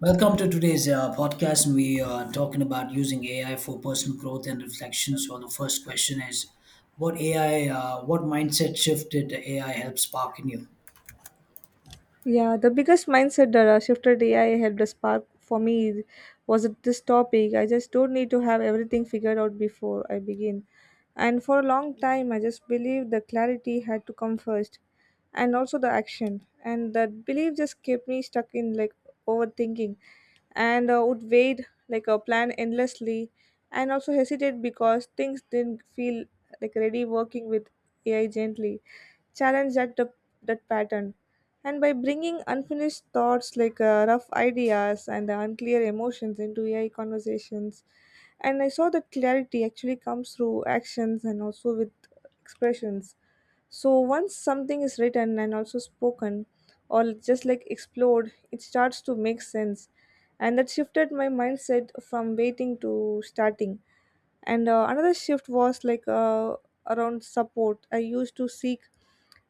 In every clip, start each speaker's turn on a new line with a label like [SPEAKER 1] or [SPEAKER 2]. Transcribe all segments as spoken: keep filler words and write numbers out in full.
[SPEAKER 1] Welcome to today's uh, podcast. We are talking about using A I for personal growth and reflection. So the first question is, what A I, uh, what mindset shift did A I help spark in you?
[SPEAKER 2] Yeah, the biggest mindset that uh, shifted A I helped us spark for me was this topic. I just don't need to have everything figured out before I begin. And for a long time, I just believed the clarity had to come first and also the action. And that belief just kept me stuck in like overthinking and uh, would wait like a plan endlessly and also hesitate because things didn't feel like ready working with A I gently. Challenge that, the, that pattern, and by bringing unfinished thoughts like uh, rough ideas and the unclear emotions into A I conversations, and I saw that clarity actually comes through actions and also with expressions. So once something is written and also spoken, or just like explored, it starts to make sense, and that shifted my mindset from waiting to starting. And uh, another shift was like uh, around support. I used to seek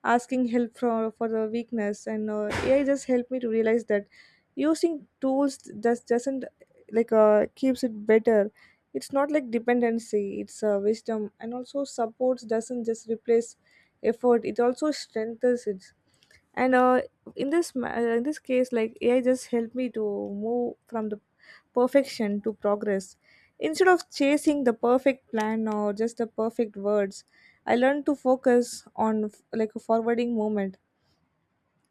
[SPEAKER 2] asking help for, for the weakness, and uh, ai just helped me to realize that using tools just doesn't like uh, keeps it better. It's not like dependency, it's uh, wisdom, and also supports doesn't just replace effort, it also strengthens it. And uh, in this ma- uh, in this case like ai just helped me to move from the perfection to progress. Instead of chasing the perfect plan or just the perfect words, I learned to focus on f- like a forwarding moment,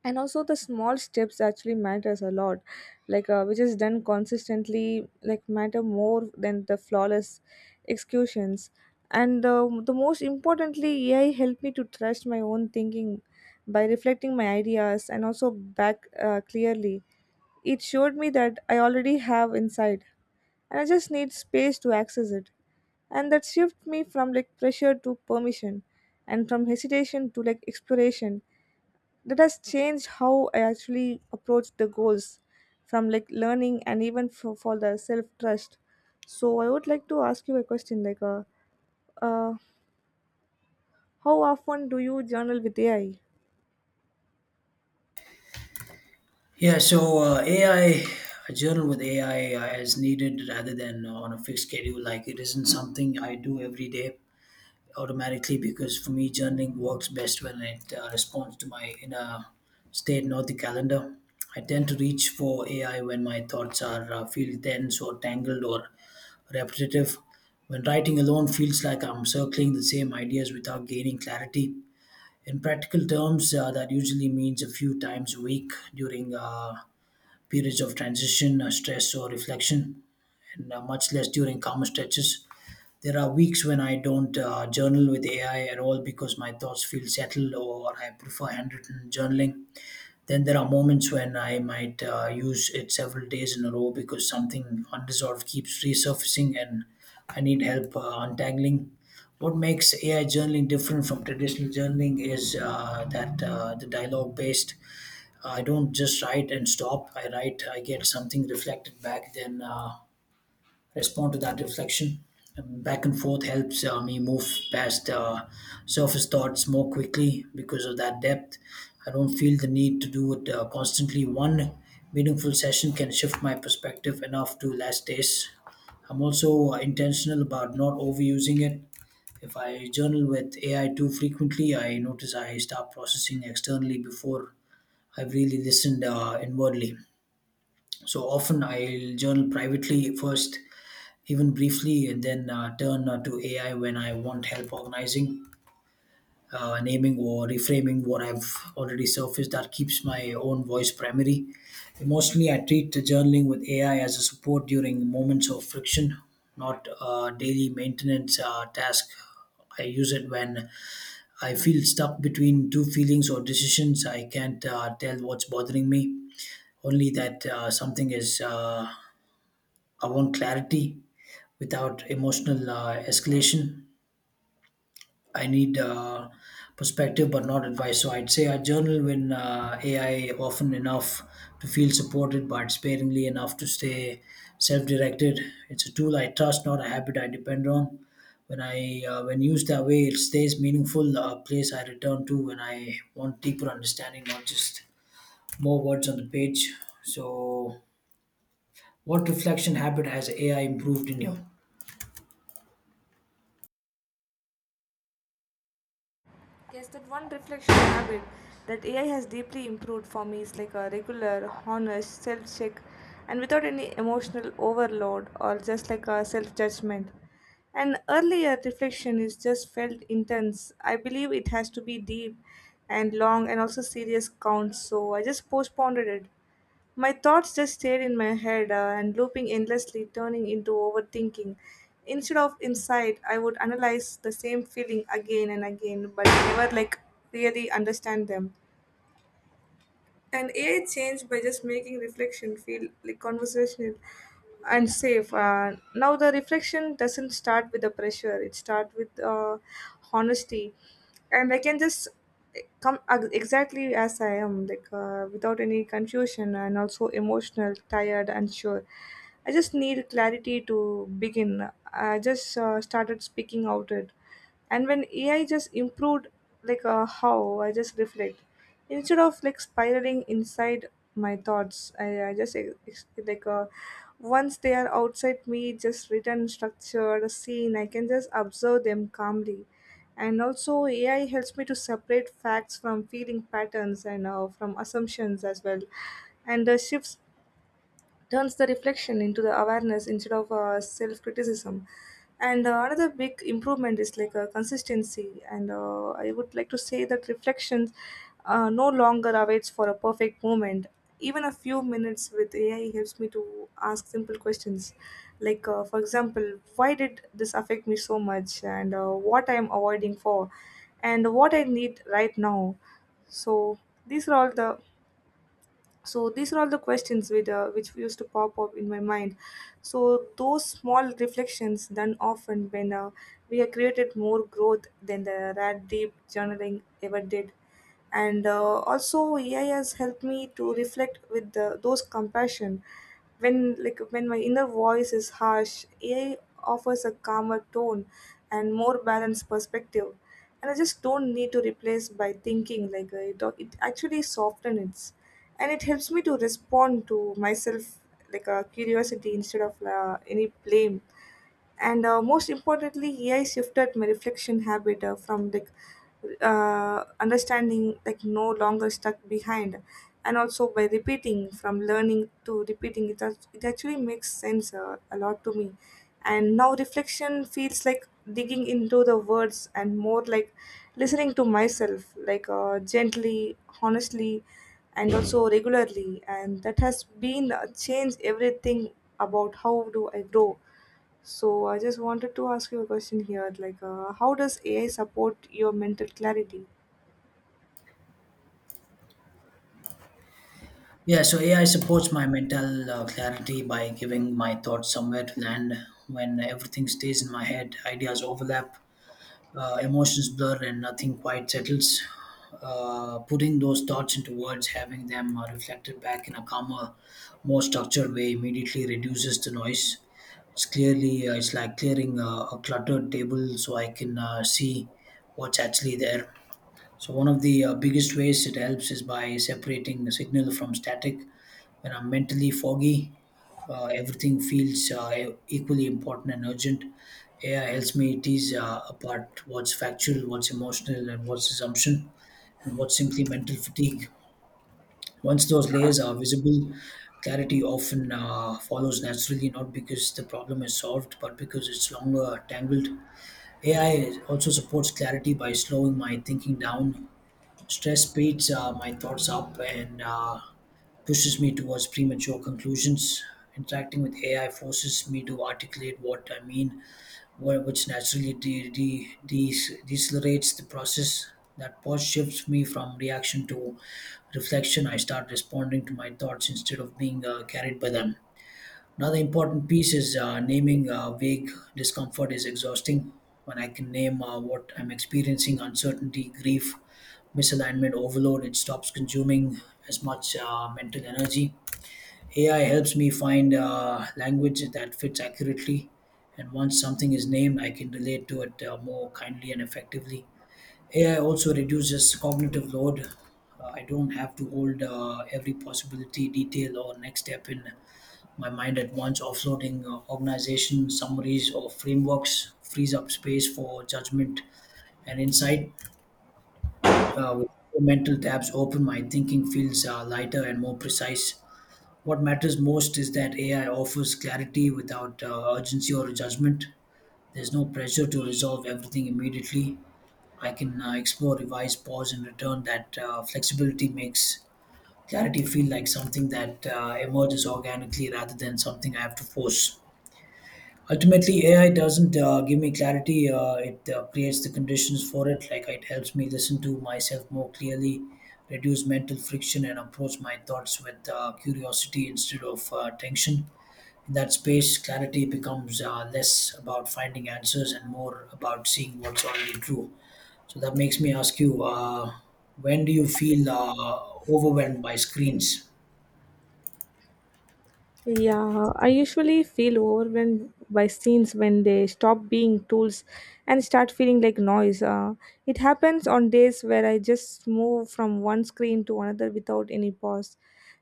[SPEAKER 2] and also the small steps actually matters a lot, like uh, which is done consistently like matter more than the flawless executions. And uh, the most importantly ai helped me to trust my own thinking by reflecting my ideas and also back uh, clearly. It showed me that I already have inside, and I just need space to access it, and that shift me from like pressure to permission, and from hesitation to like exploration. That has changed how I actually approach the goals, from like learning and even for, for the self trust. So I would like to ask you a question like uh, uh, how often do you journal with A I?
[SPEAKER 1] Yeah, so uh, A I, journal with A I uh, is needed rather than uh, on a fixed schedule. Like it isn't something I do every day automatically because for me, journaling works best when it uh, responds to my inner state, not the calendar. I tend to reach for A I when my thoughts are uh, feel tense or tangled or repetitive. When writing alone feels like I'm circling the same ideas without gaining clarity. In practical terms, uh, that usually means a few times a week during uh, periods of transition, uh, stress, or reflection, and uh, much less during calmer stretches. There are weeks when I don't uh, journal with A I at all because my thoughts feel settled or I prefer handwritten journaling. Then there are moments when I might uh, use it several days in a row because something unresolved keeps resurfacing and I need help uh, untangling. What makes A I journaling different from traditional journaling is uh, that uh, the dialogue based. I don't just write and stop. I write, I get something reflected back, then uh, respond to that reflection. Um, back and forth helps uh, me move past uh, surface thoughts more quickly because of that depth. I don't feel the need to do it uh, constantly. One meaningful session can shift my perspective enough to last days. I'm also uh, intentional about not overusing it. If I journal with A I too frequently, I notice I start processing externally before I've really listened uh, inwardly. So often I'll journal privately first, even briefly, and then uh, turn uh, to A I when I want help organizing, uh, naming, or reframing what I've already surfaced. That keeps my own voice primary. Emotionally, I treat the journaling with A I as a support during moments of friction, not a daily maintenance uh, task. I use it when I feel stuck between two feelings or decisions. I can't uh, tell what's bothering me, only that uh, something is, uh, I want clarity without emotional uh, escalation. I need uh, perspective, but not advice. So I'd say I journal when uh, A I often enough to feel supported, but sparingly enough to stay self-directed. It's a tool I trust, not a habit I depend on. When I uh, when used that way, it stays meaningful. A place I return to when I want deeper understanding, not just more words on the page. So, what reflection habit has A I improved in you?
[SPEAKER 2] Yes, that one reflection habit that A I has deeply improved for me is like a regular, honest self check, and without any emotional overload or just like a self judgment. And earlier reflection is just felt intense. I believe it has to be deep and long and also serious count, so I just postponed it. My thoughts just stayed in my head uh, and looping endlessly, turning into overthinking. Instead of insight, I would analyze the same feeling again and again, but never like really understand them. And A I changed by just making reflection feel like conversational and safe. Uh, now the reflection doesn't start with the pressure; it starts with uh, honesty, and I can just come ex- exactly as I am, like uh, without any confusion, and also emotional, tired, unsure. I just need clarity to begin. I just uh, started speaking out it. And when ai just improved like uh, how I just reflect, instead of like spiraling inside my thoughts, i, I just ex- ex- like uh, once they are outside me just written structure the scene, I can just observe them calmly. And also ai helps me to separate facts from feeling patterns, and uh, from assumptions as well. And uh, shifts turns the reflection into the awareness instead of uh, self-criticism. And uh, another big improvement is like uh, consistency. And uh, I would like to say that reflections uh, no longer awaits for a perfect moment. Even a few minutes with ai helps me to ask simple questions, like uh, for example, why did this affect me so much, and uh, what I am avoiding for, and what I need right now. So these are all the so these are all the questions with, uh, which used to pop up in my mind. So those small reflections done often when uh, we have created more growth than the rat deep journaling ever did. And uh, also A I has helped me to reflect with the, those compassion. When like when my inner voice is harsh, ai offers a calmer tone and more balanced perspective, and I just don't need to replace by thinking like uh, it, it actually softens, and it helps me to respond to myself like a curiosity instead of uh, any blame. And uh, most importantly, ai shifted my reflection habit uh, from like uh, understanding like no longer stuck behind, and also by repeating from learning to repeating it, act- it actually makes sense uh, a lot to me. And now reflection feels like digging into the words and more like listening to myself, like uh, gently, honestly, and also regularly. And that has been uh, changed everything about how do I grow. So I just wanted to ask you a question here, like, uh, how does A I support your mental clarity?
[SPEAKER 1] Yeah, so A I supports my mental uh, clarity by giving my thoughts somewhere to land. When everything stays in my head, ideas overlap, uh, emotions blur, and nothing quite settles. Uh, putting those thoughts into words, having them uh, reflected back in a calmer, more structured way, immediately reduces the noise. It's clearly uh, it's like clearing uh, a cluttered table, so I can uh, see what's actually there. So one of the uh, biggest ways it helps is by separating the signal from static. When I'm mentally foggy, uh, everything feels uh, equally important and urgent. A I helps me tease uh, apart what's factual, what's emotional, and what's assumption, and what's simply mental fatigue. Once those layers are visible, clarity often uh, follows naturally, not because the problem is solved, but because it's longer tangled. A I also supports clarity by slowing my thinking down. Stress speeds uh, my thoughts up and uh, pushes me towards premature conclusions. Interacting with A I forces me to articulate what I mean, wh- which naturally de- de- de- decelerates the process. That pause shifts me from reaction to reflection. I start responding to my thoughts instead of being uh, carried by them. Another important piece is uh, naming uh, vague discomfort is exhausting. When I can name uh, what I'm experiencing uncertainty, grief, misalignment, overload it stops consuming as much uh, mental energy. A I helps me find uh, language that fits accurately. And once something is named, I can relate to it uh, more kindly and effectively. A I also reduces cognitive load. Uh, I don't have to hold uh, every possibility, detail, or next step in my mind at once offloading uh, organization summaries or frameworks frees up space for judgment and insight. Uh, with mental tabs open, my thinking feels uh, lighter and more precise. What matters most is that A I offers clarity without uh, urgency or judgment. There's no pressure to resolve everything immediately. I can uh, explore, revise, pause, and return. That uh, flexibility makes clarity feel like something that uh, emerges organically rather than something I have to force. Ultimately, A I doesn't uh, give me clarity. Uh, it uh, creates the conditions for it. Like it helps me listen to myself more clearly, reduce mental friction, and approach my thoughts with uh, curiosity instead of uh, tension. In that space, clarity becomes uh, less about finding answers and more about seeing what's already true. So that makes me ask you: uh, When do you feel uh, overwhelmed by screens?
[SPEAKER 2] Yeah, I usually feel overwhelmed by scenes when they stop being tools and start feeling like noise. Uh, it happens on days where I just move from one screen to another without any pause,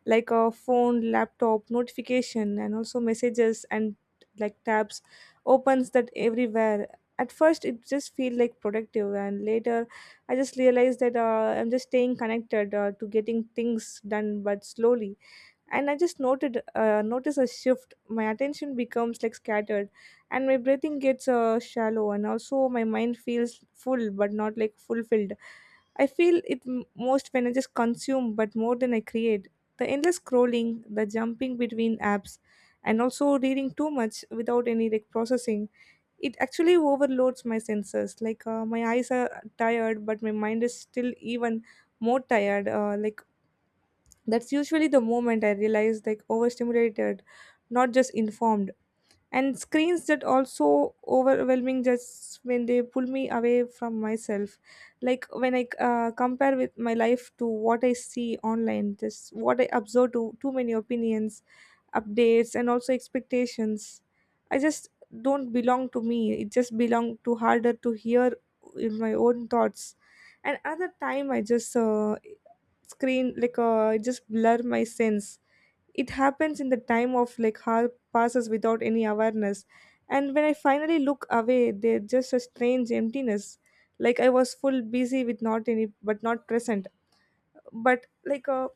[SPEAKER 2] like a phone, laptop, notification, and also messages, and like tabs opens that everywhere. At first, it just feel like productive, and later, I just realized that uh, I'm just staying connected uh, to getting things done, but slowly. And I just noted uh, notice a shift. My attention becomes like scattered, and my breathing gets uh, shallow, and also my mind feels full but not like fulfilled. I feel it m- most when I just consume but more than I create. The endless scrolling, the jumping between apps, and also reading too much without any like processing, it actually overloads my senses. Like uh, my eyes are tired but my mind is still even more tired, uh, like that's usually the moment I realize like overstimulated, not just informed. And screens that also overwhelming just when they pull me away from myself. Like when I uh, compare with my life to what I see online, just what I observe to too many opinions, updates, and also expectations. I just don't belong to me. It just belong to harder to hear in my own thoughts. And another time I just uh, screen like uh, it just blur my sense. It happens in the time of like how passes without any awareness, and when I finally look away there's just a strange emptiness, like I was full busy with not any but not present. but like uh,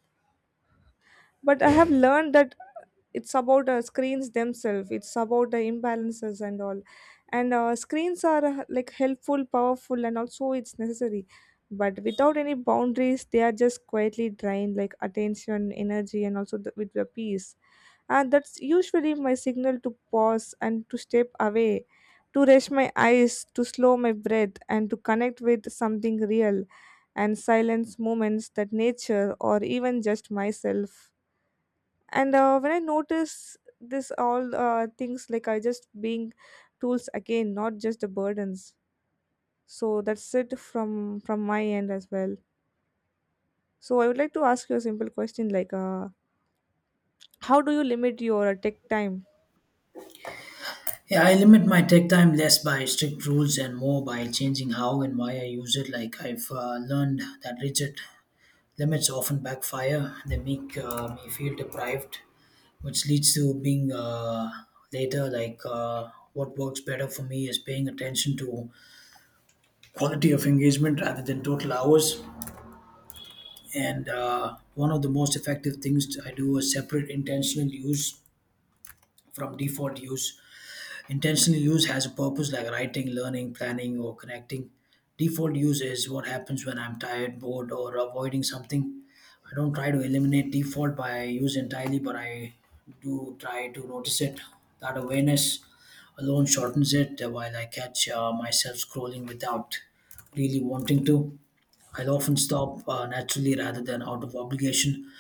[SPEAKER 2] but I have learned that it's about uh, screens themselves, it's about the imbalances and all. And uh, screens are uh, like helpful, powerful, and also it's necessary, but without any boundaries they are just quietly drained like attention, energy, and also the, with the peace. And that's usually my signal to pause and to step away, to rest my eyes, to slow my breath, and to connect with something real, and silence moments that nature or even just myself. And uh, when I notice this all uh, things, like I just being tools again, not just the burdens. So that's it from from my end as well. So I would like to ask you a simple question, like uh, how do you limit your uh, tech time?
[SPEAKER 1] Yeah, I limit my tech time less by strict rules and more by changing how and why I use it. Like I've uh, learned that rigid limits often backfire. They make uh, me feel deprived, which leads to being uh, later. Like uh, what works better for me is paying attention to quality of engagement rather than total hours. And uh, one of the most effective things I do is separate intentional use from default use. Intentional use has a purpose like writing, learning, planning, or connecting. Default use is what happens when I'm tired, bored, or avoiding something. I don't try to eliminate default by use entirely, but I do try to notice it. That awareness alone shortens it uh, while I catch uh, myself scrolling without really wanting to. I'll often stop uh, naturally rather than out of obligation.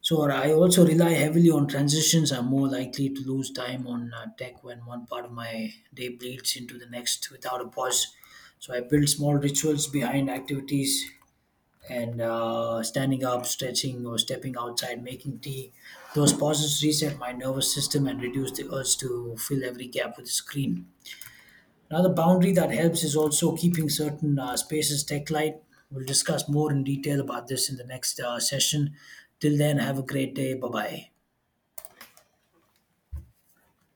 [SPEAKER 1] So I also rely heavily on transitions. I'm more likely to lose time on uh, tech when one part of my day bleeds into the next without a pause. So I build small rituals behind activities and uh, standing up, stretching, or stepping outside, making tea. Those pauses reset my nervous system and reduce the urge to fill every gap with a screen. Another boundary that helps is also keeping certain uh, spaces tech light. We'll discuss more in detail about this in the next uh, session. Till then, have a great day. Bye bye.